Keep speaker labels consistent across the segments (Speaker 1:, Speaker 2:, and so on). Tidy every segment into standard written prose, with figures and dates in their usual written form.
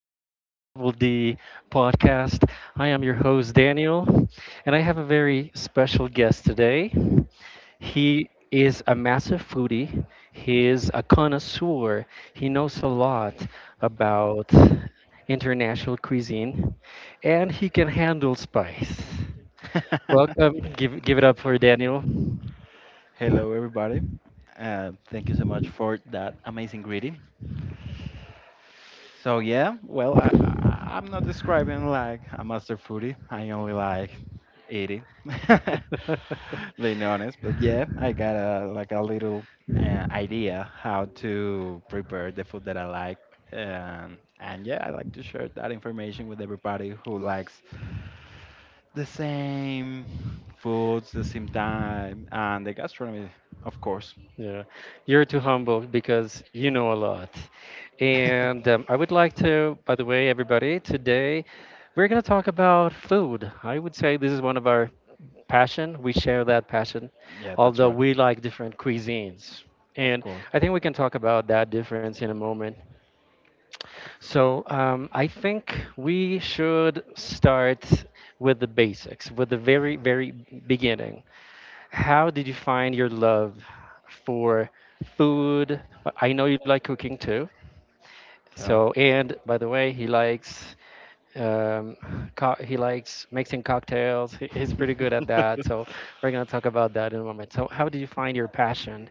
Speaker 1: of the Double D podcast. I am your host, Daniel, and I have a very special guest today. He is a massive foodie, he is a connoisseur, he knows a lot about international cuisine, and he can handle spice. Welcome. Give it up for Daniel.
Speaker 2: Hello, everybody. Thank you so much for that amazing greeting. So yeah, well, I'm not describing like a master foodie. I only like eating, being honest. But yeah, I got a like a little idea how to prepare the food that I like. And yeah, I like to share that information with everybody who likes the same foods, the same time, and the gastronomy, of course.
Speaker 1: Yeah, you're too humble because you know a lot. And I would like to, by the way, everybody, today we're going to talk about food. I would say this is one of our passion. We share that passion,
Speaker 2: Yeah, that's
Speaker 1: although
Speaker 2: right.
Speaker 1: we like different cuisines.
Speaker 2: Of
Speaker 1: And
Speaker 2: course.
Speaker 1: I think we can talk about that difference in a moment. So I think we should start with the basics, with the very, very beginning. How did you find your love for food? I know you like cooking too.
Speaker 2: Yeah.
Speaker 1: So, and by the way, he likes um, he likes mixing cocktails. He's pretty good at that. So, we're gonna talk about that in a moment. So, how did you find your passion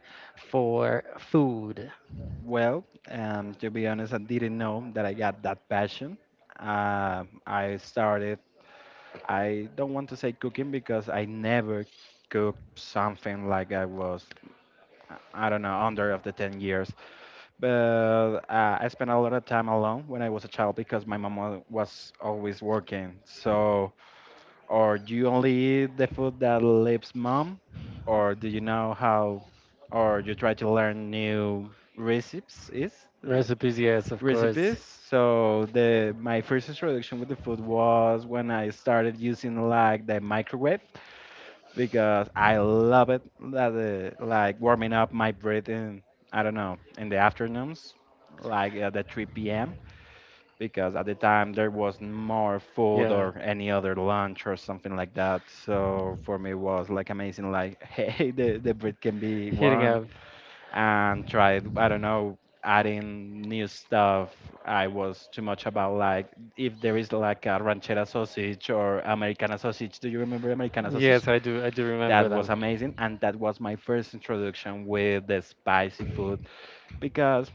Speaker 1: for food?
Speaker 2: Well, to be honest, I didn't know that I got that passion. Uh, I started, I don't want to say cooking because I never cooked something like I was, I don't know, under of the 10 years. But I spent a lot of time alone when I was a child because my mom was always working. Or do you only eat the food that lives mom? Or do you know how, or you try to learn new recipes? Is like,
Speaker 1: Recipes, yes, of course.
Speaker 2: recipes. So the my first introduction with the food was when I started using like the microwave because I love it that like warming up my bread in I don't know in the afternoons like at the 3 p.m. because at the time there was more food
Speaker 1: Yeah,
Speaker 2: or any other lunch or something like that. So for me it was like amazing, like hey, the bread can be
Speaker 1: hitting
Speaker 2: warm
Speaker 1: up.
Speaker 2: and try I don't know adding new stuff. I was too much about like if there is like a ranchera sausage or Americana sausage. Do you remember Americana sausage?
Speaker 1: Yes, I do. I do
Speaker 2: That
Speaker 1: remember
Speaker 2: was
Speaker 1: them.
Speaker 2: amazing, and that was my first introduction with the spicy food because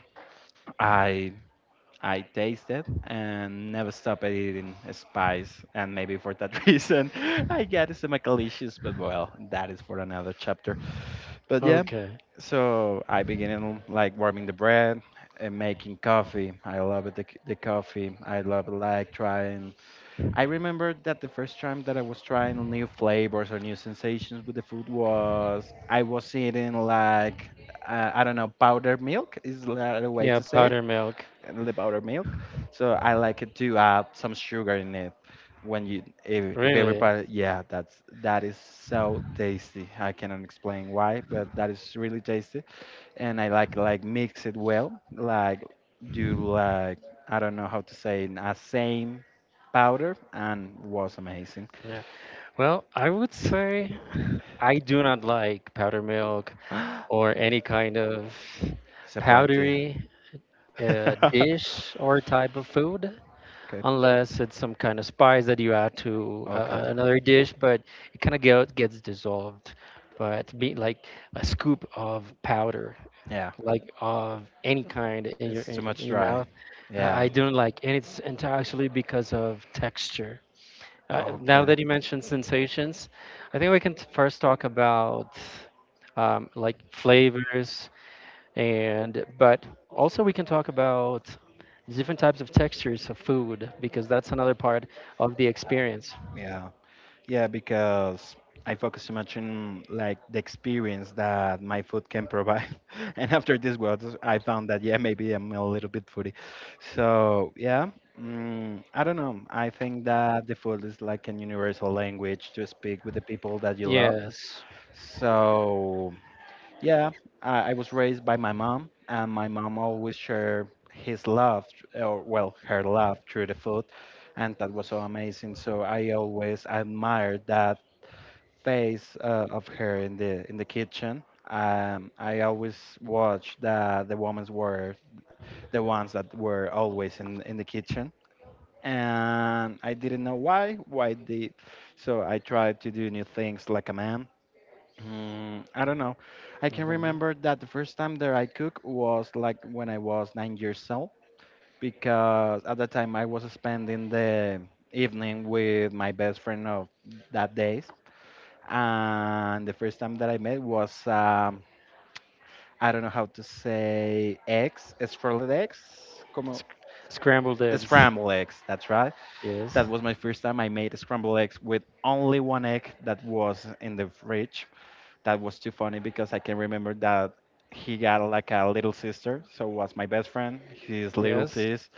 Speaker 2: i I tasted and never stopped eating spice. And maybe for that reason, I get stomachal issues. But well, that is for another chapter. But yeah,
Speaker 1: Okay.
Speaker 2: so I began like warming the bread and making coffee. I love it, the coffee. I love like trying. I remember that the first time that I was trying new flavors or new sensations with the food was I was eating like. I don't know, powdered milk is the way to
Speaker 1: Yeah,
Speaker 2: say it,
Speaker 1: powdered milk.
Speaker 2: and the powdered milk. So I like it to add some sugar in it when you if
Speaker 1: Really?
Speaker 2: everybody, yeah, that's that is so tasty. I cannot explain why, but that is really tasty, and I like mix it well, like do like, I don't know how to say it, a same powder, and was amazing.
Speaker 1: Yeah. Well, I would say I do not like powdered milk or any kind of
Speaker 2: Disappointing.
Speaker 1: powdery dish or type of food
Speaker 2: Okay.
Speaker 1: unless it's some kind of spice that you add to
Speaker 2: Okay.
Speaker 1: another dish, but it kind of gets dissolved. But be like a scoop of powder
Speaker 2: Yeah.
Speaker 1: like of any kind in your
Speaker 2: It's too
Speaker 1: in
Speaker 2: much
Speaker 1: your
Speaker 2: dry.
Speaker 1: mouth. I
Speaker 2: Yeah.
Speaker 1: don't like, and it's entirely because of texture. Now
Speaker 2: Okay.
Speaker 1: that you mentioned sensations, I think we can first talk about like flavors and but also we can talk about different types of textures of food because that's another part of the experience.
Speaker 2: Yeah. Yeah, because I focus so much on like the experience that my food can provide. And after this was I found that, yeah, maybe I'm a little bit foodie. So yeah. I don't know. I think that the food is like an universal language to speak with the people that you love.
Speaker 1: Yes.
Speaker 2: So yeah, I was raised by my mom, and my mom always shared his love, or well, her love through the food, and that was so amazing. So I always admired that face of her in the kitchen. I always watched the women were the ones that were always in the kitchen, and I didn't know why they. So I tried to do new things like a man. I don't know. I can
Speaker 1: Mhm.
Speaker 2: remember that the first time that I cook was like when I was 9 years old, because at that time I was spending the evening with my best friend of that days, and the first time that I met was I don't know how to say eggs, scrambled eggs, como
Speaker 1: Sc- scrambled eggs.
Speaker 2: scrambled eggs. That's right.
Speaker 1: Yes.
Speaker 2: That was my first time I made scrambled eggs with only one egg that was in the fridge. That was too funny because I can remember that he got like a little sister, so was my best friend, his little
Speaker 1: Yes.
Speaker 2: sis,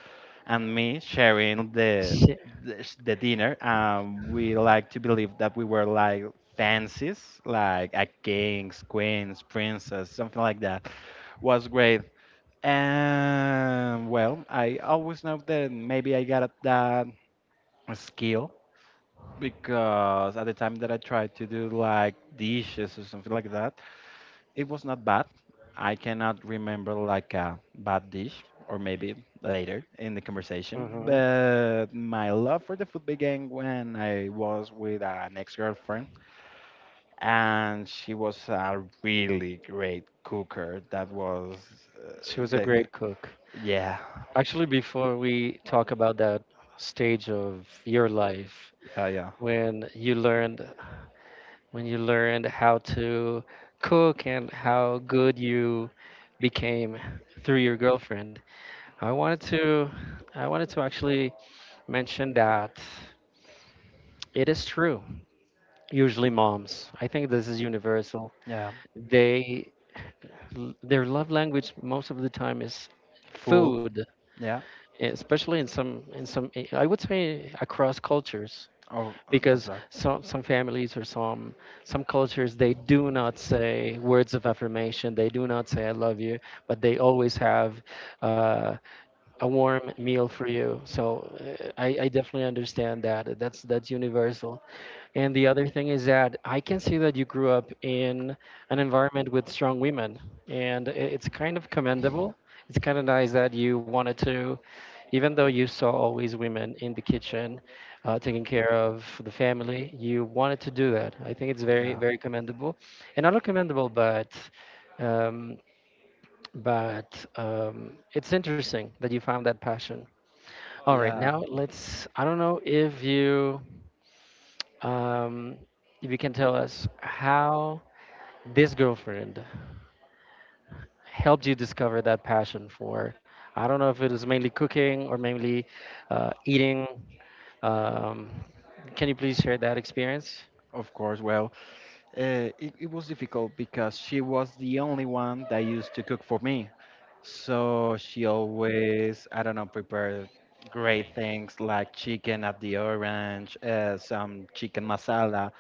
Speaker 2: and me sharing the
Speaker 1: Shit.
Speaker 2: the, sh- the dinner. We like to believe that we were like fancies, like a kings, queens, princess, something like that. Was great. And well, I always know that maybe I got that skill because at the time that I tried to do like dishes or something like that, it was not bad. I cannot remember like a bad dish, or maybe later in the conversation.
Speaker 1: Hmm.
Speaker 2: But my love for the food began when I was with an ex-girlfriend, and she was a really great cooker. That was uh,
Speaker 1: She was a
Speaker 2: the
Speaker 1: great cook.
Speaker 2: yeah,
Speaker 1: Actually, before we talk about that stage of your life
Speaker 2: yeah, yeah,
Speaker 1: when you learned when you learned how to cook and how good you became through your girlfriend, I wanted to I wanted to actually mention that it is true. Usually moms, I think this is universal.
Speaker 2: yeah.
Speaker 1: They their love language most of the time is
Speaker 2: Food,
Speaker 1: food,
Speaker 2: yeah.
Speaker 1: especially in some eh, I would say across cultures
Speaker 2: Oh, that's
Speaker 1: because
Speaker 2: right.
Speaker 1: some families or some cultures they do not say words of affirmation, they do not say I love you, but they always have uh, a warm meal for you, so I definitely understand that that's universal. And the other thing is that I can see that you grew up in an environment with strong women, and it's kind of commendable. It's kind of nice that you wanted to, even though you saw always women in the kitchen, taking care of the family, you wanted to do that. I think it's very,
Speaker 2: Yeah.
Speaker 1: very commendable, and not only commendable, but um, it's interesting that you found that passion. All right,
Speaker 2: Yeah,
Speaker 1: now let's. I don't know um, if you can tell us how this girlfriend helped you discover that passion for, I don't know if it was mainly cooking or mainly eating. Um, can you please share that experience?
Speaker 2: of course. Well, it was difficult because she was the only one that used to cook for me. So she always, I don't know, prepared great things like chicken at the orange, some chicken masala.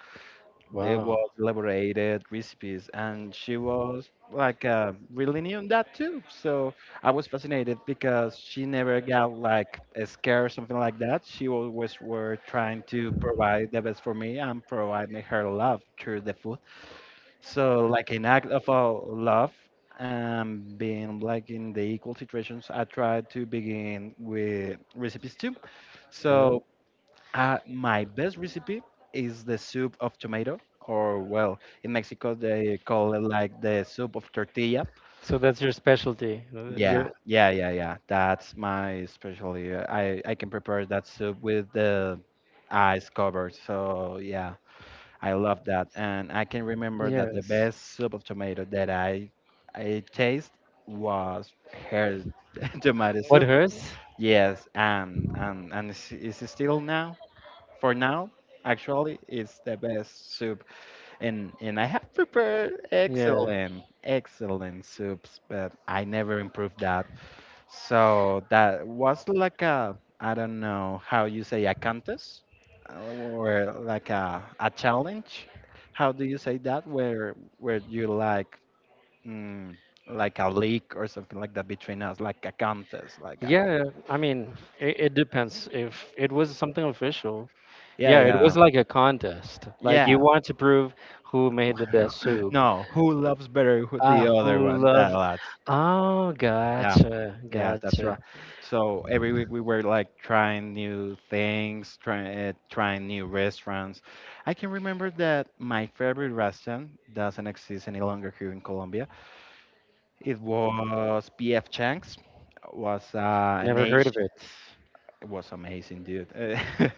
Speaker 2: They were
Speaker 1: Wow.
Speaker 2: elaborated recipes, and she was like really new in that too. So I was fascinated because she never got like a scare or something like that. She always were trying to provide the best for me and provide me her love through the food. So, like an act of love, and being like in the equal situations, I try to begin with recipes too.
Speaker 1: Yeah.
Speaker 2: So, my best recipe is the soup of tomato, or well, in Mexico they call it like the soup of tortilla.
Speaker 1: So that's your specialty. Uh,
Speaker 2: Yeah,
Speaker 1: your
Speaker 2: yeah, yeah, yeah. That's my specialty. I can prepare that soup with the ice covered. So yeah. I love that, and I can remember that the
Speaker 1: yes.
Speaker 2: best soup of tomato that I taste was her tomato
Speaker 1: What
Speaker 2: soup.
Speaker 1: hers?
Speaker 2: Yes, and it's still now. For now, actually, it's the best soup, and I have prepared
Speaker 1: Yeah.
Speaker 2: excellent soups, but I never improved that. So that was like a, I don't know how you say, a contest or like a challenge. How do you say that? Where you like, mm, like a leak or something like that between us, like a contest, like a,
Speaker 1: Yeah. I mean, it depends. If it was something official,
Speaker 2: yeah,
Speaker 1: yeah, it
Speaker 2: yeah,
Speaker 1: was like a contest. Like you
Speaker 2: yeah.
Speaker 1: want to prove who made the best soup.
Speaker 2: No, who loves better who, the
Speaker 1: Ah,
Speaker 2: other
Speaker 1: who
Speaker 2: one? That
Speaker 1: loved?
Speaker 2: was,
Speaker 1: Oh,
Speaker 2: yeah,
Speaker 1: gotcha,
Speaker 2: yeah, that's
Speaker 1: gotcha.
Speaker 2: right. So every week we were like trying new things, trying new restaurants. I can remember that my favorite restaurant doesn't exist any longer here in Colombia. It was PF Chang's. Was an
Speaker 1: Never heard of
Speaker 2: Asian.
Speaker 1: it.
Speaker 2: It was amazing, dude.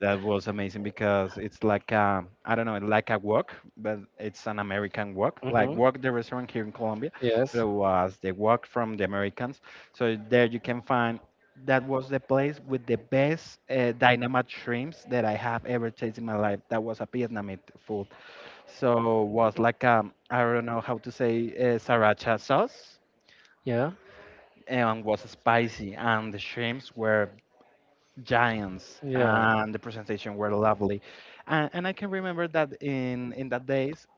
Speaker 2: That was amazing because it's like a, I don't know, like a walk, but it's an American walk, like
Speaker 1: Mm-hmm.
Speaker 2: walk the restaurant here in Colombia, but
Speaker 1: Yes.
Speaker 2: it was the walk from the Americans. So there you can find that was the place with the best dynamite shrimps that I have ever tasted in my life. That was a Vietnamese food. So was like, I don't know how to say sriracha sauce,
Speaker 1: Yeah.
Speaker 2: and was spicy, and the shrimps were giants,
Speaker 1: Yeah.
Speaker 2: and the presentation were lovely, and I can remember that in that days,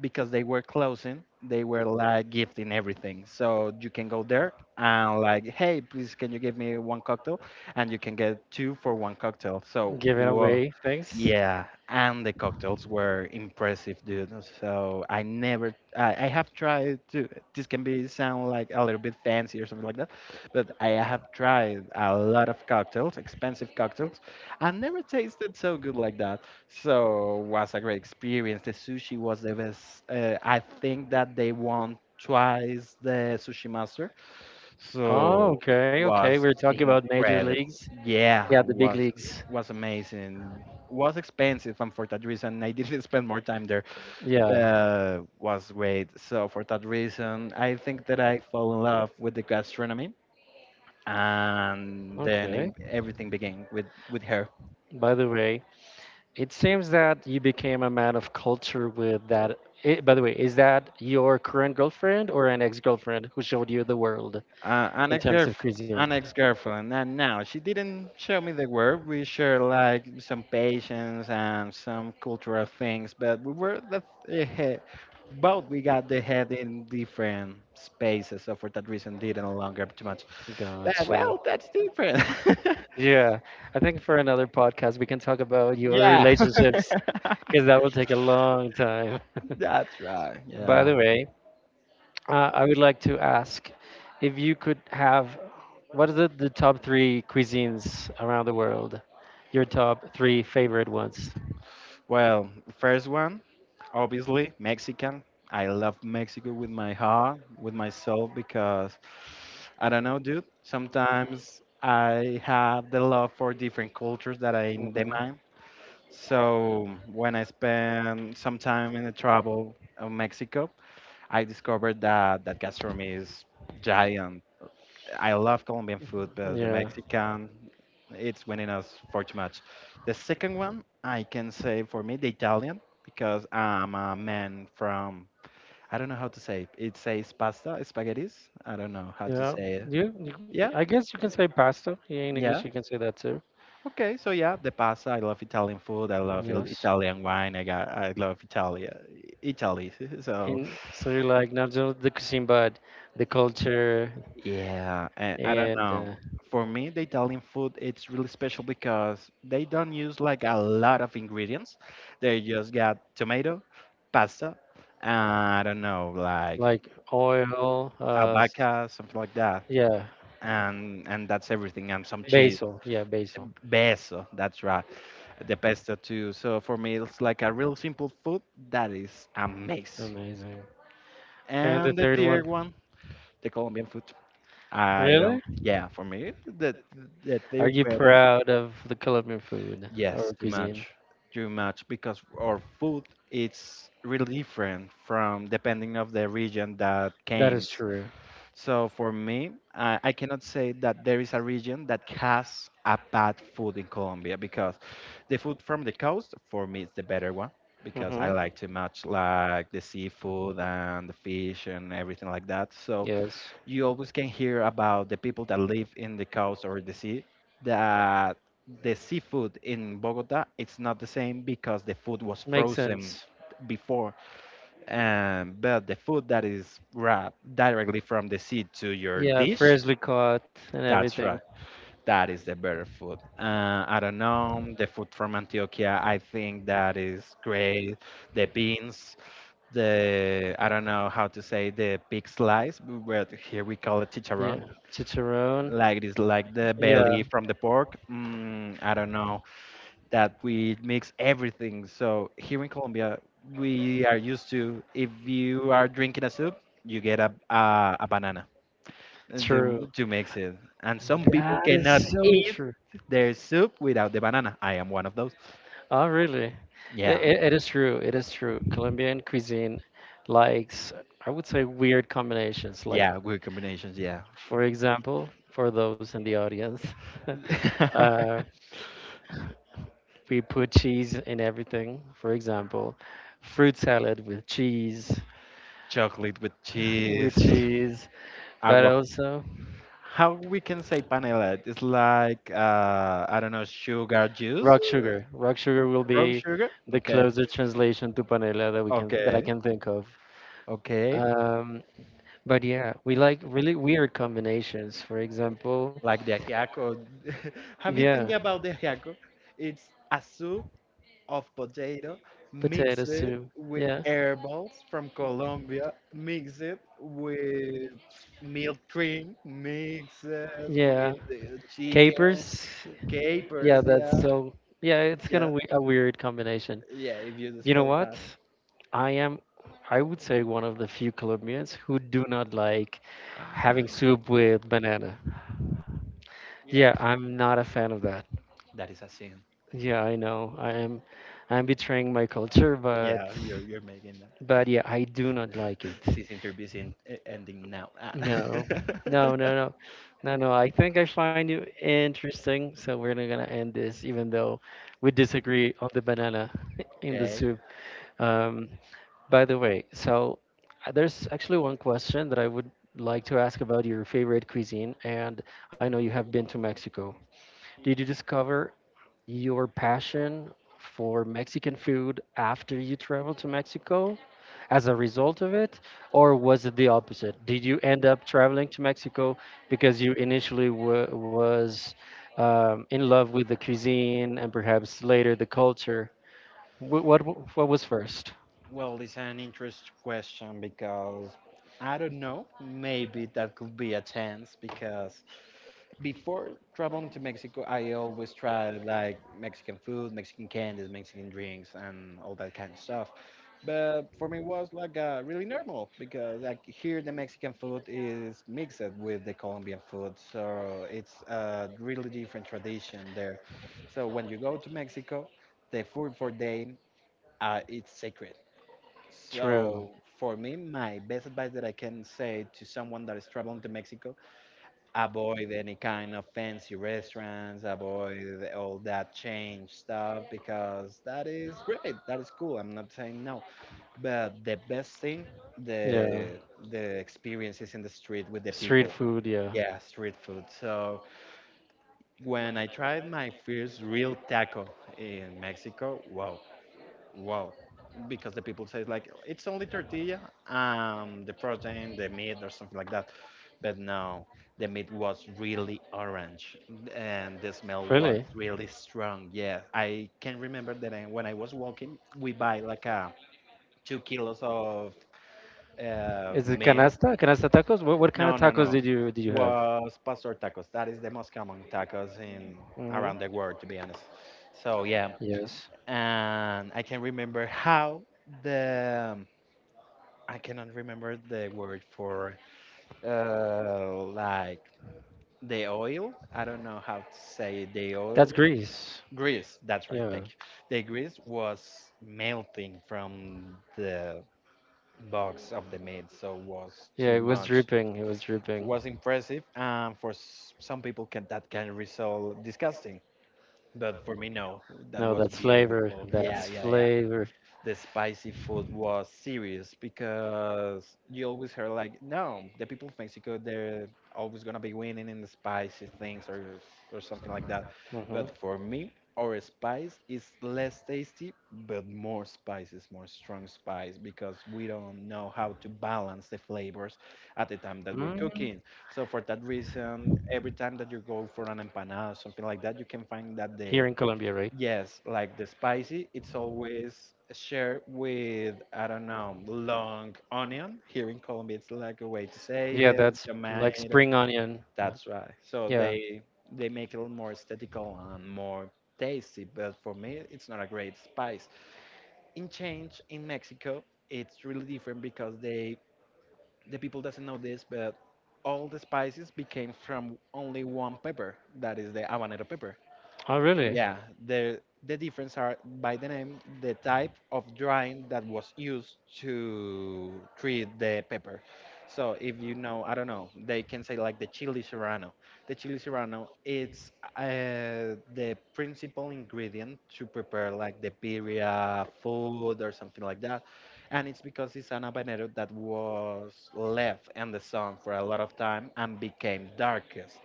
Speaker 2: because they were closing, they were like gifting everything, so you can go there and like, hey, please, can you give me one cocktail, and you can get two for one cocktail, so
Speaker 1: Giving
Speaker 2: whoa,
Speaker 1: away things.
Speaker 2: yeah, and the cocktails were impressive, dude. So I never, I have tried to. This can be sound like a little bit fancy or something like that, but I have tried a lot of cocktails, expensive cocktails, and never tasted so good like that. So was a great experience. The sushi was the best. I think that they won twice the sushi master,
Speaker 1: Oh,
Speaker 2: so
Speaker 1: okay, okay.
Speaker 2: was
Speaker 1: We're talking about major
Speaker 2: incredible.
Speaker 1: leagues.
Speaker 2: Yeah,
Speaker 1: Yeah, the big leagues.
Speaker 2: was amazing. Was expensive, and for that reason, I didn't spend more time there.
Speaker 1: Yeah.
Speaker 2: But was great. So for that reason, I think that I fell in love with the gastronomy, and then
Speaker 1: Okay.
Speaker 2: everything began with her.
Speaker 1: By the way, it seems that you became a man of culture with that. It, by the way, is that your current girlfriend or an ex-girlfriend who showed you the world
Speaker 2: Uh, an
Speaker 1: in
Speaker 2: ex
Speaker 1: terms of cuisine?
Speaker 2: an ex-girlfriend, and now she didn't show me the word. We shared like some patience and some cultural things, but we were the head, both we got the head in different spaces, so for that reason didn't longer too much, but
Speaker 1: Gotcha.
Speaker 2: well, that's different.
Speaker 1: Yeah, I think for another podcast we can talk about your
Speaker 2: Yeah.
Speaker 1: relationships because that will take a long time.
Speaker 2: That's right.
Speaker 1: By
Speaker 2: Yeah.
Speaker 1: the way, I would like to ask if you could have what are the top three cuisines around the world? Your top three favorite ones?
Speaker 2: Well, first one, obviously Mexican. I love Mexico with my heart, with my soul, because I don't know, dude. Sometimes I have the love for different cultures that I
Speaker 1: Mm-hmm.
Speaker 2: demand. So when I spend some time in the travel of Mexico, I discovered that gastronomy is giant. I love Colombian food, but the
Speaker 1: Yeah.
Speaker 2: Mexican, it's winning us far too much. The second one, I can say for me, the Italian, because I'm a man from, I don't know how to say it. It says pasta, spaghettis. I don't know how to
Speaker 1: Yeah.
Speaker 2: say it.
Speaker 1: You
Speaker 2: Yeah,
Speaker 1: I guess you can say pasta. Yeah, in
Speaker 2: yeah.
Speaker 1: English you can say that too.
Speaker 2: Okay, so yeah, the pasta. I love Italian food. I love
Speaker 1: Yes.
Speaker 2: Italian wine. I got, I love Italia, Italy. So
Speaker 1: And so you like not just the cuisine but the culture
Speaker 2: yeah, I don't
Speaker 1: and
Speaker 2: know. For me, the Italian food it's really special because they don't use like a lot of ingredients. They just got tomato, pasta, I don't know, like
Speaker 1: like oil,
Speaker 2: albahaca, something like that,
Speaker 1: yeah,
Speaker 2: and that's everything, and some cheese.
Speaker 1: basil. Yeah, basil.
Speaker 2: Beso, that's right. The pesto too. So for me, it's like a real simple food that is amazing.
Speaker 1: Amazing. And the
Speaker 2: And the
Speaker 1: third one,
Speaker 2: third one, the Colombian food. I
Speaker 1: really?
Speaker 2: don't. Yeah, for me, the
Speaker 1: Are you
Speaker 2: third better.
Speaker 1: proud of the Colombian food or
Speaker 2: Yes, too
Speaker 1: cuisine?
Speaker 2: much. Too much because our food is really different from depending of the region that
Speaker 1: That
Speaker 2: came.
Speaker 1: is true.
Speaker 2: So for me, I cannot say that there is a region that has a bad food in Colombia because the food from the coast for me is the better one because I
Speaker 1: Mm-hmm.
Speaker 2: like too much like the seafood and the fish and everything like that. So
Speaker 1: Yes.
Speaker 2: you always can hear about the people that live in the coast or the sea that the seafood in Bogota it's not the same because the food was
Speaker 1: Makes
Speaker 2: frozen
Speaker 1: sense.
Speaker 2: before, but the food that is wrapped directly from the sea to your
Speaker 1: Yeah,
Speaker 2: dish,
Speaker 1: freshly caught and
Speaker 2: that's
Speaker 1: everything.
Speaker 2: right, that is the better food. I don't know, the food from Antioquia, I think that is great. The beans, the, I don't know how to say the pig slice, but here we call it chicharron,
Speaker 1: Yeah, chicharron.
Speaker 2: like this, like the
Speaker 1: Yeah,
Speaker 2: belly from the pork. Mm, I don't know that we mix everything. So here in Colombia, we are used to if you are drinking a soup, you get a banana, to
Speaker 1: true.
Speaker 2: to mix it. And some people
Speaker 1: That is
Speaker 2: cannot
Speaker 1: so
Speaker 2: eat
Speaker 1: true.
Speaker 2: their soup without the banana. I am one of those.
Speaker 1: Oh, really?
Speaker 2: Yeah,
Speaker 1: It is true. It is true. Colombian cuisine likes, I would say, weird combinations. Like,
Speaker 2: yeah, weird combinations. Yeah,
Speaker 1: for example, for those in the audience, uh, we put cheese in everything. For example, fruit salad with cheese,
Speaker 2: chocolate with
Speaker 1: with
Speaker 2: cheese.
Speaker 1: cheese, but
Speaker 2: Agua.
Speaker 1: also
Speaker 2: How we can say panela? It's like, I don't know, sugar juice,
Speaker 1: rock
Speaker 2: uh,
Speaker 1: sugar. Rock sugar will
Speaker 2: brown
Speaker 1: be
Speaker 2: sugar.
Speaker 1: the
Speaker 2: Okay,
Speaker 1: closest translation to panela that I
Speaker 2: okay,
Speaker 1: can think of.
Speaker 2: okay.
Speaker 1: Um, but yeah, we like really weird combinations. For example,
Speaker 2: Like the ajiaco. Have you think
Speaker 1: yeah,
Speaker 2: about the ajiaco? It's a soup of potato mixed
Speaker 1: potato soup.
Speaker 2: with
Speaker 1: Yeah,
Speaker 2: herbals from Colombia, mixed with milk cream, mixed with,
Speaker 1: yeah,
Speaker 2: chicken,
Speaker 1: capers. Yeah,
Speaker 2: capers.
Speaker 1: that's
Speaker 2: Yeah,
Speaker 1: so. Yeah, it's kind
Speaker 2: yeah,
Speaker 1: of we a weird combination.
Speaker 2: yeah. If you
Speaker 1: You know
Speaker 2: spell
Speaker 1: what? I am. I would say one of the few Colombians who do not like
Speaker 2: Ah,
Speaker 1: having soup with banana. Yeah, I'm not a fan of that.
Speaker 2: that is a sin.
Speaker 1: Yeah, I know. I'm betraying my culture,
Speaker 2: Yeah, you're making that.
Speaker 1: but yeah, I do not like it.
Speaker 2: This interview is in, e- ending now. Ah.
Speaker 1: No. No, no, no. No, no. I think I find you interesting, so we're not gonna end this even though we disagree on the banana in the
Speaker 2: okay.
Speaker 1: soup. Um, by the way, so there's actually one question that I would like to ask about your favorite cuisine, and I know you have been to Mexico. Did you discover your passion for Mexican food after you traveled to Mexico as a result of it, or was it the opposite? Did you end up traveling to Mexico because you initially wa was in love with the cuisine and perhaps later the culture? What was first?
Speaker 2: Well, it's an interesting question because I don't know. Maybe that could be a chance because before traveling to Mexico, I always tried like Mexican food, Mexican candies, Mexican drinks, and all that kind of stuff. But for me, it was like really normal because like here the Mexican food is mixed with the Colombian food, so it's a really different tradition there. So when you go to Mexico, the food for them, it's sacred. So
Speaker 1: True.
Speaker 2: for me, my best advice that I can say to someone that is traveling to Mexico, avoid any kind of fancy restaurants, avoid all that change stuff because that is great, that is cool. I'm not saying no, but the best thing,
Speaker 1: Yeah.
Speaker 2: the the experience is in the street with the
Speaker 1: Street
Speaker 2: people.
Speaker 1: food, yeah.
Speaker 2: Yeah, street food. So when I tried my first real taco in Mexico, wow, wow, because the people say like it's only tortilla, the protein, the meat or something like that. But no, the meat was really orange and the smell was
Speaker 1: Really?
Speaker 2: really strong. Yeah, I can remember that I, when I was walking, we buy like 2 kilos of
Speaker 1: Is it
Speaker 2: meat.
Speaker 1: canasta? Canasta tacos? What kind of
Speaker 2: No, no,
Speaker 1: tacos
Speaker 2: no.
Speaker 1: did you have?
Speaker 2: Was pastor tacos. That is the most common tacos in
Speaker 1: Hmm.
Speaker 2: around the world, to be honest. So yeah,
Speaker 1: Yes.
Speaker 2: and I can remember how the, I cannot remember the word for, like the oil. I don't know how to say the oil.
Speaker 1: That's grease.
Speaker 2: Grease, that's right, thank
Speaker 1: Yeah.
Speaker 2: you. The grease was melting from the box of the meat, so was
Speaker 1: Yeah,
Speaker 2: too
Speaker 1: it was
Speaker 2: much.
Speaker 1: dripping. It was dripping.
Speaker 2: Was impressive, and for some people can that can result disgusting, but for me no, that
Speaker 1: No,
Speaker 2: was
Speaker 1: that's flavor.
Speaker 2: beautiful. Yeah,
Speaker 1: That's
Speaker 2: yeah, yeah.
Speaker 1: flavor.
Speaker 2: The spicy food was serious because you always heard like, no, the people of Mexico they're always gonna be winning in the spicy things, or something like that.
Speaker 1: Hmm.
Speaker 2: But for me, our spice is less tasty but more spices, more strong spice because we don't know how to balance the flavors at the time that we're
Speaker 1: Mm,
Speaker 2: cooking. So for that reason, every time that you go for an empanada or something like that, you can find that
Speaker 1: here
Speaker 2: the,
Speaker 1: in Colombia, right?
Speaker 2: yes, like the spicy, it's always shared with, I don't know, long onion. Here in Colombia, it's like a way to say
Speaker 1: Yeah,
Speaker 2: it,
Speaker 1: that's like
Speaker 2: tomato.
Speaker 1: spring onion.
Speaker 2: That's right. So
Speaker 1: Yeah.
Speaker 2: they make it more aesthetical and more tasty, but for me, it's not a great spice. In change, in Mexico, it's really different because they, the people doesn't know this, but all the spices became from only one pepper, that is the habanero pepper.
Speaker 1: Oh, really?
Speaker 2: Yeah, the the difference are by the name, the type of drying that was used to treat the pepper. So if you know, I don't know, they can say like the chili serrano. The chili serrano, it's the principal ingredient to prepare like the birria food or something like that. And it's because it's an habanero that was left in the sun for a lot of time and became darkest.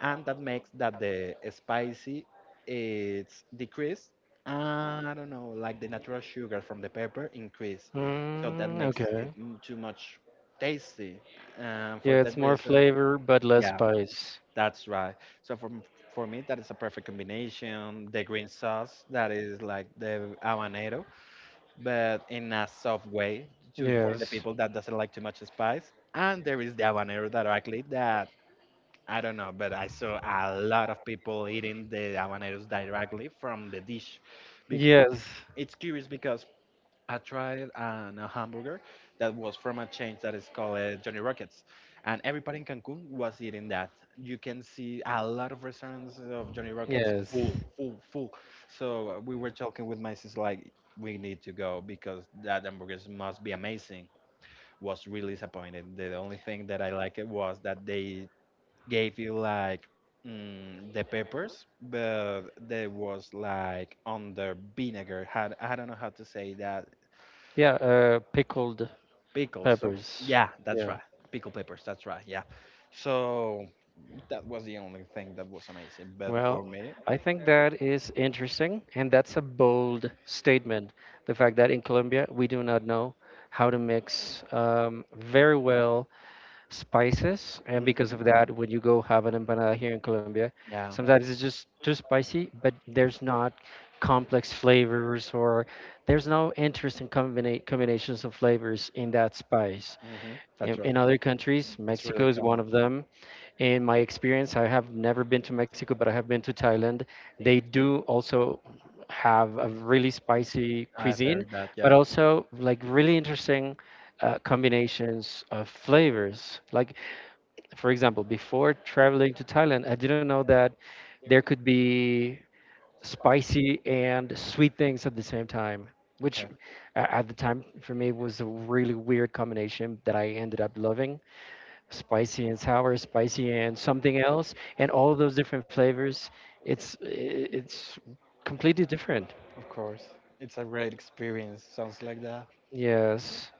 Speaker 2: And that makes that the spicy it's decreased. I don't know, like the natural sugar from the pepper increase, so that
Speaker 1: Mm,
Speaker 2: makes it
Speaker 1: okay.
Speaker 2: too much tasty. And for
Speaker 1: Yeah,
Speaker 2: that
Speaker 1: it's more
Speaker 2: reason,
Speaker 1: flavor but less
Speaker 2: yeah,
Speaker 1: spice.
Speaker 2: that's right. So for for me, that is a perfect combination. The green sauce that is like the habanero, but in a soft way to for the
Speaker 1: Yes.
Speaker 2: people that doesn't like too much spice. And there is the habanero directly that I don't know, but I saw a lot of people eating the habaneros directly from the dish. Yeah.
Speaker 1: Yes.
Speaker 2: It's curious because I tried an, a hamburger that was from a chain that is called Johnny Rockets, and everybody in Cancun was eating that. You can see a lot of restaurants of Johnny Rockets
Speaker 1: Yes.
Speaker 2: full, full, full. So we were talking with my sister like, we need to go because that hamburgers must be amazing, was really disappointed. The only thing that I liked was that they gave you like the peppers, but they was like on the vinegar. Had I don't know how to say that.
Speaker 1: Yeah, pickled
Speaker 2: Pickles. Some-
Speaker 1: peppers. Yeah.
Speaker 2: yeah, that's
Speaker 1: Yeah.
Speaker 2: right. Pickle peppers. That's right. Yeah. So that was the only thing that was amazing. But
Speaker 1: Well,
Speaker 2: for me,
Speaker 1: I think that is interesting, and that's a bold statement. The fact that in Colombia we do not know how to mix very well spices, and because
Speaker 2: mhm,
Speaker 1: of that, when you go have an empanada here in Colombia,
Speaker 2: yeah,
Speaker 1: sometimes it's just too spicy, but there's not complex flavors or there's no interesting combinations of flavors in that spice
Speaker 2: hmm, that's right.
Speaker 1: in other countries.
Speaker 2: It's really
Speaker 1: Mexico is one
Speaker 2: common.
Speaker 1: of them. In my experience, I have never been to Mexico, but I have been to Thailand. They do also have a really spicy
Speaker 2: I've
Speaker 1: cuisine,
Speaker 2: heard that.
Speaker 1: but
Speaker 2: Yeah.
Speaker 1: also like really interesting combinations of flavors. Like, for example, before traveling to Thailand, I didn't know that there could be spicy and sweet things at the same time, which
Speaker 2: Okay.
Speaker 1: at the time for me was a really weird combination that I ended up loving. Spicy and sour, spicy and something else, and all of those different flavors. It's i- it's completely different.
Speaker 2: Of course. It's a great experience. Sounds like that.
Speaker 1: Yes,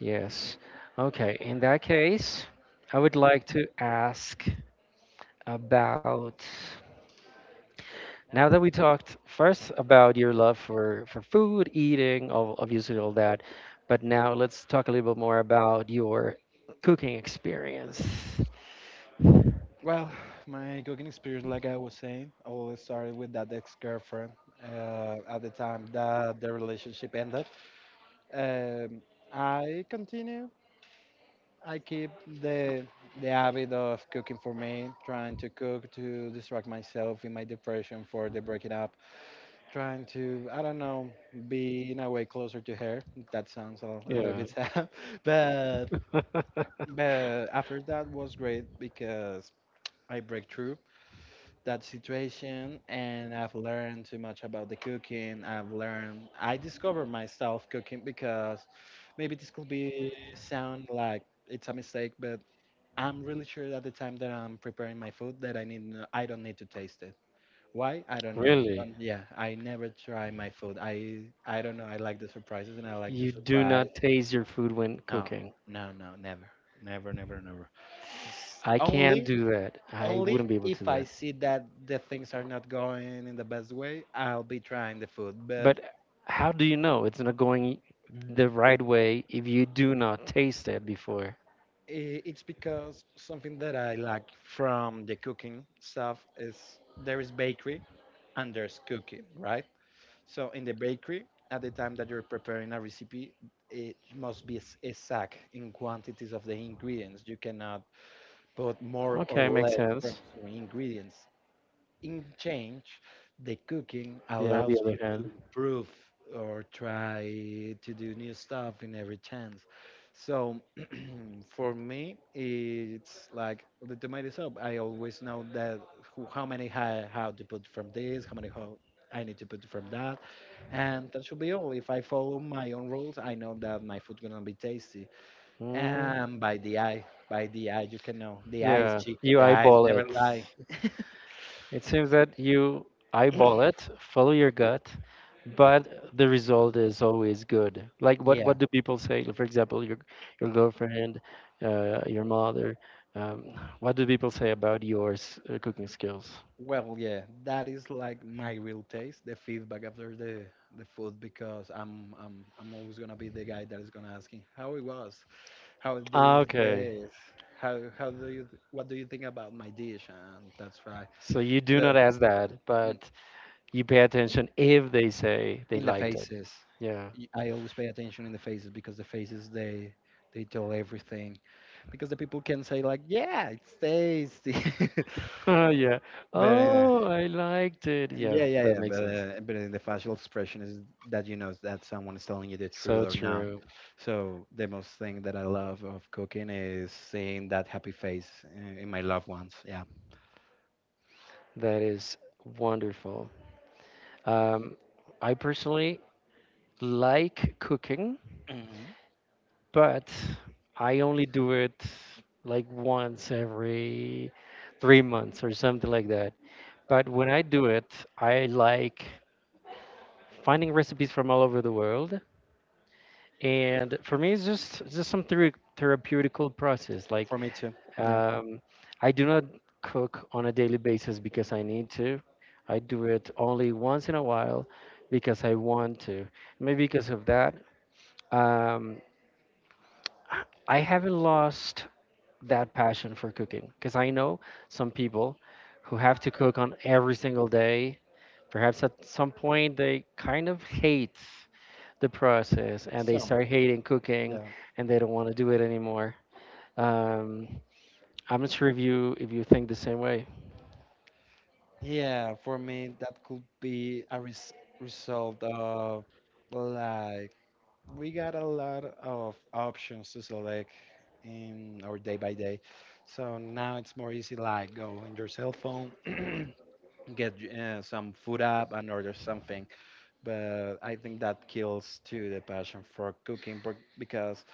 Speaker 1: yes. Okay, in that case, I would like to ask about now that we talked first about your love for food, eating, obviously all that, but now let's talk a little bit more about your cooking experience.
Speaker 2: Well, my cooking experience, like I was saying, always started with that ex-girlfriend. At the time that the relationship ended, um, I continue. I keep the the habit of cooking for me, trying to cook to distract myself in my depression for the breaking up, trying to I don't know be in a way closer to her. That sounds a little
Speaker 1: Yeah.
Speaker 2: bit sad, but but after that was great because I break through that situation and I've learned too much about the cooking. I've learned I discovered myself cooking because maybe this could be sound like it's a mistake, but I'm really sure at the time that I'm preparing my food that I need I don't need to taste it. Why? I don't know.
Speaker 1: Really?
Speaker 2: Yeah, I never try my food. I don't know. I like the surprises and I like to
Speaker 1: You do
Speaker 2: surprise.
Speaker 1: not taste your food when
Speaker 2: No,
Speaker 1: cooking.
Speaker 2: no, no, never, never, never, never. It's
Speaker 1: I can't
Speaker 2: only
Speaker 1: do that. I
Speaker 2: only
Speaker 1: wouldn't be able to
Speaker 2: if
Speaker 1: do
Speaker 2: I
Speaker 1: that.
Speaker 2: see that the things are not going in the best way, I'll be trying the food. But
Speaker 1: But how do you know it's not going the right way if you do not taste it before?
Speaker 2: it's because something that I like from the cooking stuff is there is bakery and there's cooking, right? So in the bakery, at the time that you're preparing a recipe, it must be exact in quantities of the ingredients. You cannot put more or
Speaker 1: Okay,
Speaker 2: less
Speaker 1: makes
Speaker 2: from
Speaker 1: sense.
Speaker 2: certain ingredients. In change, the cooking
Speaker 1: Yeah, on the
Speaker 2: allows
Speaker 1: other
Speaker 2: you to
Speaker 1: hand.
Speaker 2: improve or try to do new stuff in every chance. So for me, it's like the tomato soup. I always know that who, how many how to put from this, how many how I need to put from that, and that should be all. If I follow my own rules, I know that my food gonna be tasty.
Speaker 1: Mm,
Speaker 2: And by the eye, you can know the eyes,
Speaker 1: yeah,
Speaker 2: Chico.
Speaker 1: you
Speaker 2: The eyes
Speaker 1: eyeball
Speaker 2: never
Speaker 1: it.
Speaker 2: lie.
Speaker 1: It seems that you eyeball it, follow your gut, but the result is always good. Like what yeah,
Speaker 2: Yeah.
Speaker 1: what do people say? Like, for example, your girlfriend, your mother. What do people say about yours cooking skills?
Speaker 2: Well, yeah, that is like my real taste, the feedback after the food, because I'm always gonna be the guy that is gonna asking how it was, how
Speaker 1: Ah,
Speaker 2: these
Speaker 1: okay,
Speaker 2: days, how do you what do you think about my dish, and that's right.
Speaker 1: so you do not
Speaker 2: But
Speaker 1: ask that,
Speaker 2: in
Speaker 1: but you pay attention if they say they
Speaker 2: in the
Speaker 1: liked it.
Speaker 2: faces,
Speaker 1: Yeah.
Speaker 2: I always pay attention in the faces because the faces they tell everything, because the people can say like, yeah, it's tasty.
Speaker 1: Yeah.
Speaker 2: But
Speaker 1: Oh, I liked it. Yeah,
Speaker 2: yeah, yeah,
Speaker 1: that
Speaker 2: yeah.
Speaker 1: makes sense.
Speaker 2: But in the facial expression is that you know that someone is telling you the truth
Speaker 1: So
Speaker 2: or not.
Speaker 1: true.
Speaker 2: So the most thing that I love of cooking is seeing that happy face in my loved ones. Yeah.
Speaker 1: That is wonderful. Um, I personally like cooking,
Speaker 2: Mhm.
Speaker 1: but I only do it like once every three months or something like that. But when I do it, I like finding recipes from all over the world. And for me, it's just some therapeutical process. Like
Speaker 2: For me too. Yeah.
Speaker 1: um, I do not cook on a daily basis because I need to. I do it only once in a while because I want to. Maybe because of that, um, I haven't lost that passion for cooking because I know some people who have to cook on every single day. Perhaps at some point they kind of hate the process and they
Speaker 2: So
Speaker 1: start hating cooking
Speaker 2: yeah.
Speaker 1: and they don't want to do it anymore. Um, I'm not sure if you think the same way.
Speaker 2: Yeah, for me that could be a result of like we got a lot of options to select in our day by day. So now it's more easy, like go in your cell phone, get some food up and order something. But I think that kills too the passion for cooking because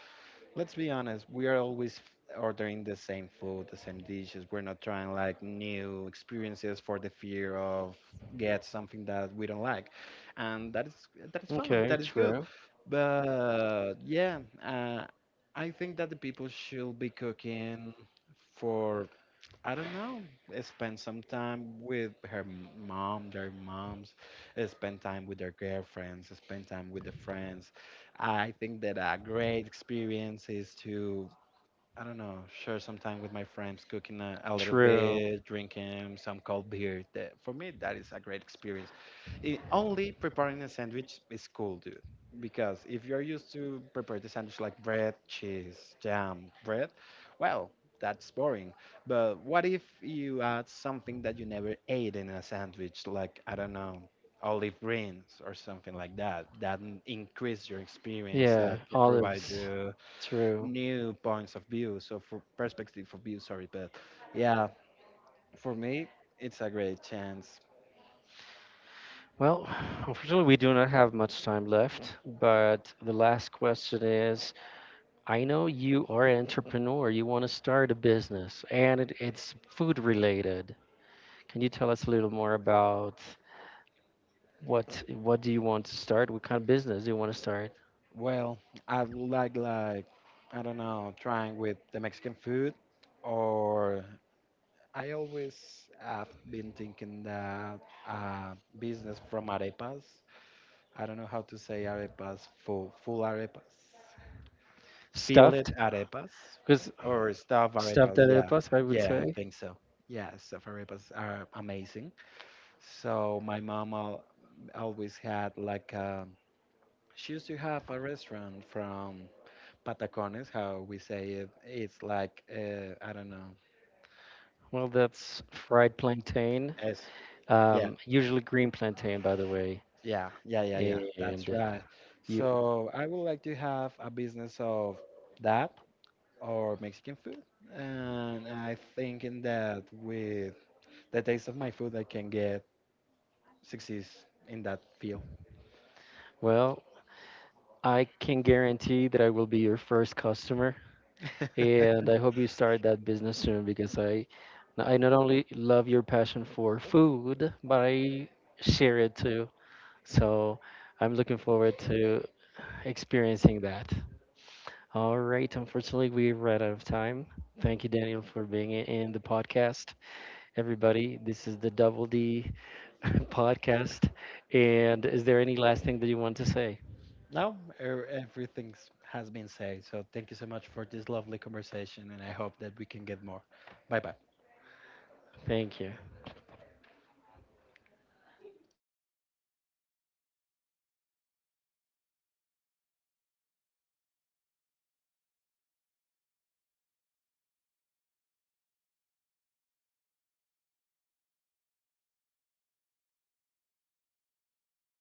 Speaker 2: let's be honest, we are always ordering the same food, the same dishes. We're not trying like new experiences for the fear of get something that we don't like. And that is fun,
Speaker 1: Okay,
Speaker 2: that is good.
Speaker 1: true,
Speaker 2: But yeah, uh, I think that the people should be cooking for I don't know. Spend some time with her mom, their moms, spend time with their girlfriends, spend time with the friends. I think that a great experience is to I don't know, share some time with my friends, cooking a little
Speaker 1: true.
Speaker 2: bit, drinking some cold beer. That, for me, that is a great experience. It, only preparing a sandwich is cool, dude. Because if you're used to prepare the sandwich like bread, cheese, jam, bread, well, that's boring. But what if you add something that you never ate in a sandwich, like, I don't know, olive greens or something like that, that increase your experience,
Speaker 1: Yeah,
Speaker 2: that can provide
Speaker 1: olives.
Speaker 2: you
Speaker 1: True.
Speaker 2: new points of view so for perspective of view, sorry, but yeah, for me it's a great chance.
Speaker 1: Well, unfortunately, we do not have much time left, but the last question is, I know you are an entrepreneur, you want to start a business, and it's food related. Can you tell us a little more about what do you want to start? What kind of business do you want to start?
Speaker 2: Well, I would like, I don't know, trying with the Mexican food, or I always have been thinking that, uh, business from arepas. I don't know how to say arepas, full arepas, filled
Speaker 1: Stuffed,
Speaker 2: arepas
Speaker 1: because
Speaker 2: or stuffed
Speaker 1: stuffed
Speaker 2: arepas. Yeah,
Speaker 1: arepas, I would
Speaker 2: yeah,
Speaker 1: say.
Speaker 2: I think so. Yeah, stuffed arepas are amazing. So my mom al always had like a, she used to have a restaurant from Patacones, how we say it. It's like I don't know.
Speaker 1: Well, that's fried plantain,
Speaker 2: Yes. Yeah,
Speaker 1: usually green plantain, by the way,
Speaker 2: yeah, yeah, yeah, yeah. That's
Speaker 1: and
Speaker 2: right.
Speaker 1: you.
Speaker 2: So I would like to have a business of that or Mexican food, and I think in that with the taste of my food, I can get success in that field.
Speaker 1: Well, I can guarantee that I will be your first customer, and I hope you start that business soon because I not only love your passion for food, but I share it too. So I'm looking forward to experiencing that. All right, unfortunately, we ran out of time. Thank you, Daniel, for being in the podcast. Everybody, this is the Double D podcast. And is there any last thing that you want to say?
Speaker 2: No, everything has been said. So thank you so much for this lovely conversation, and I hope that we can get more. Bye bye.
Speaker 1: Thank you.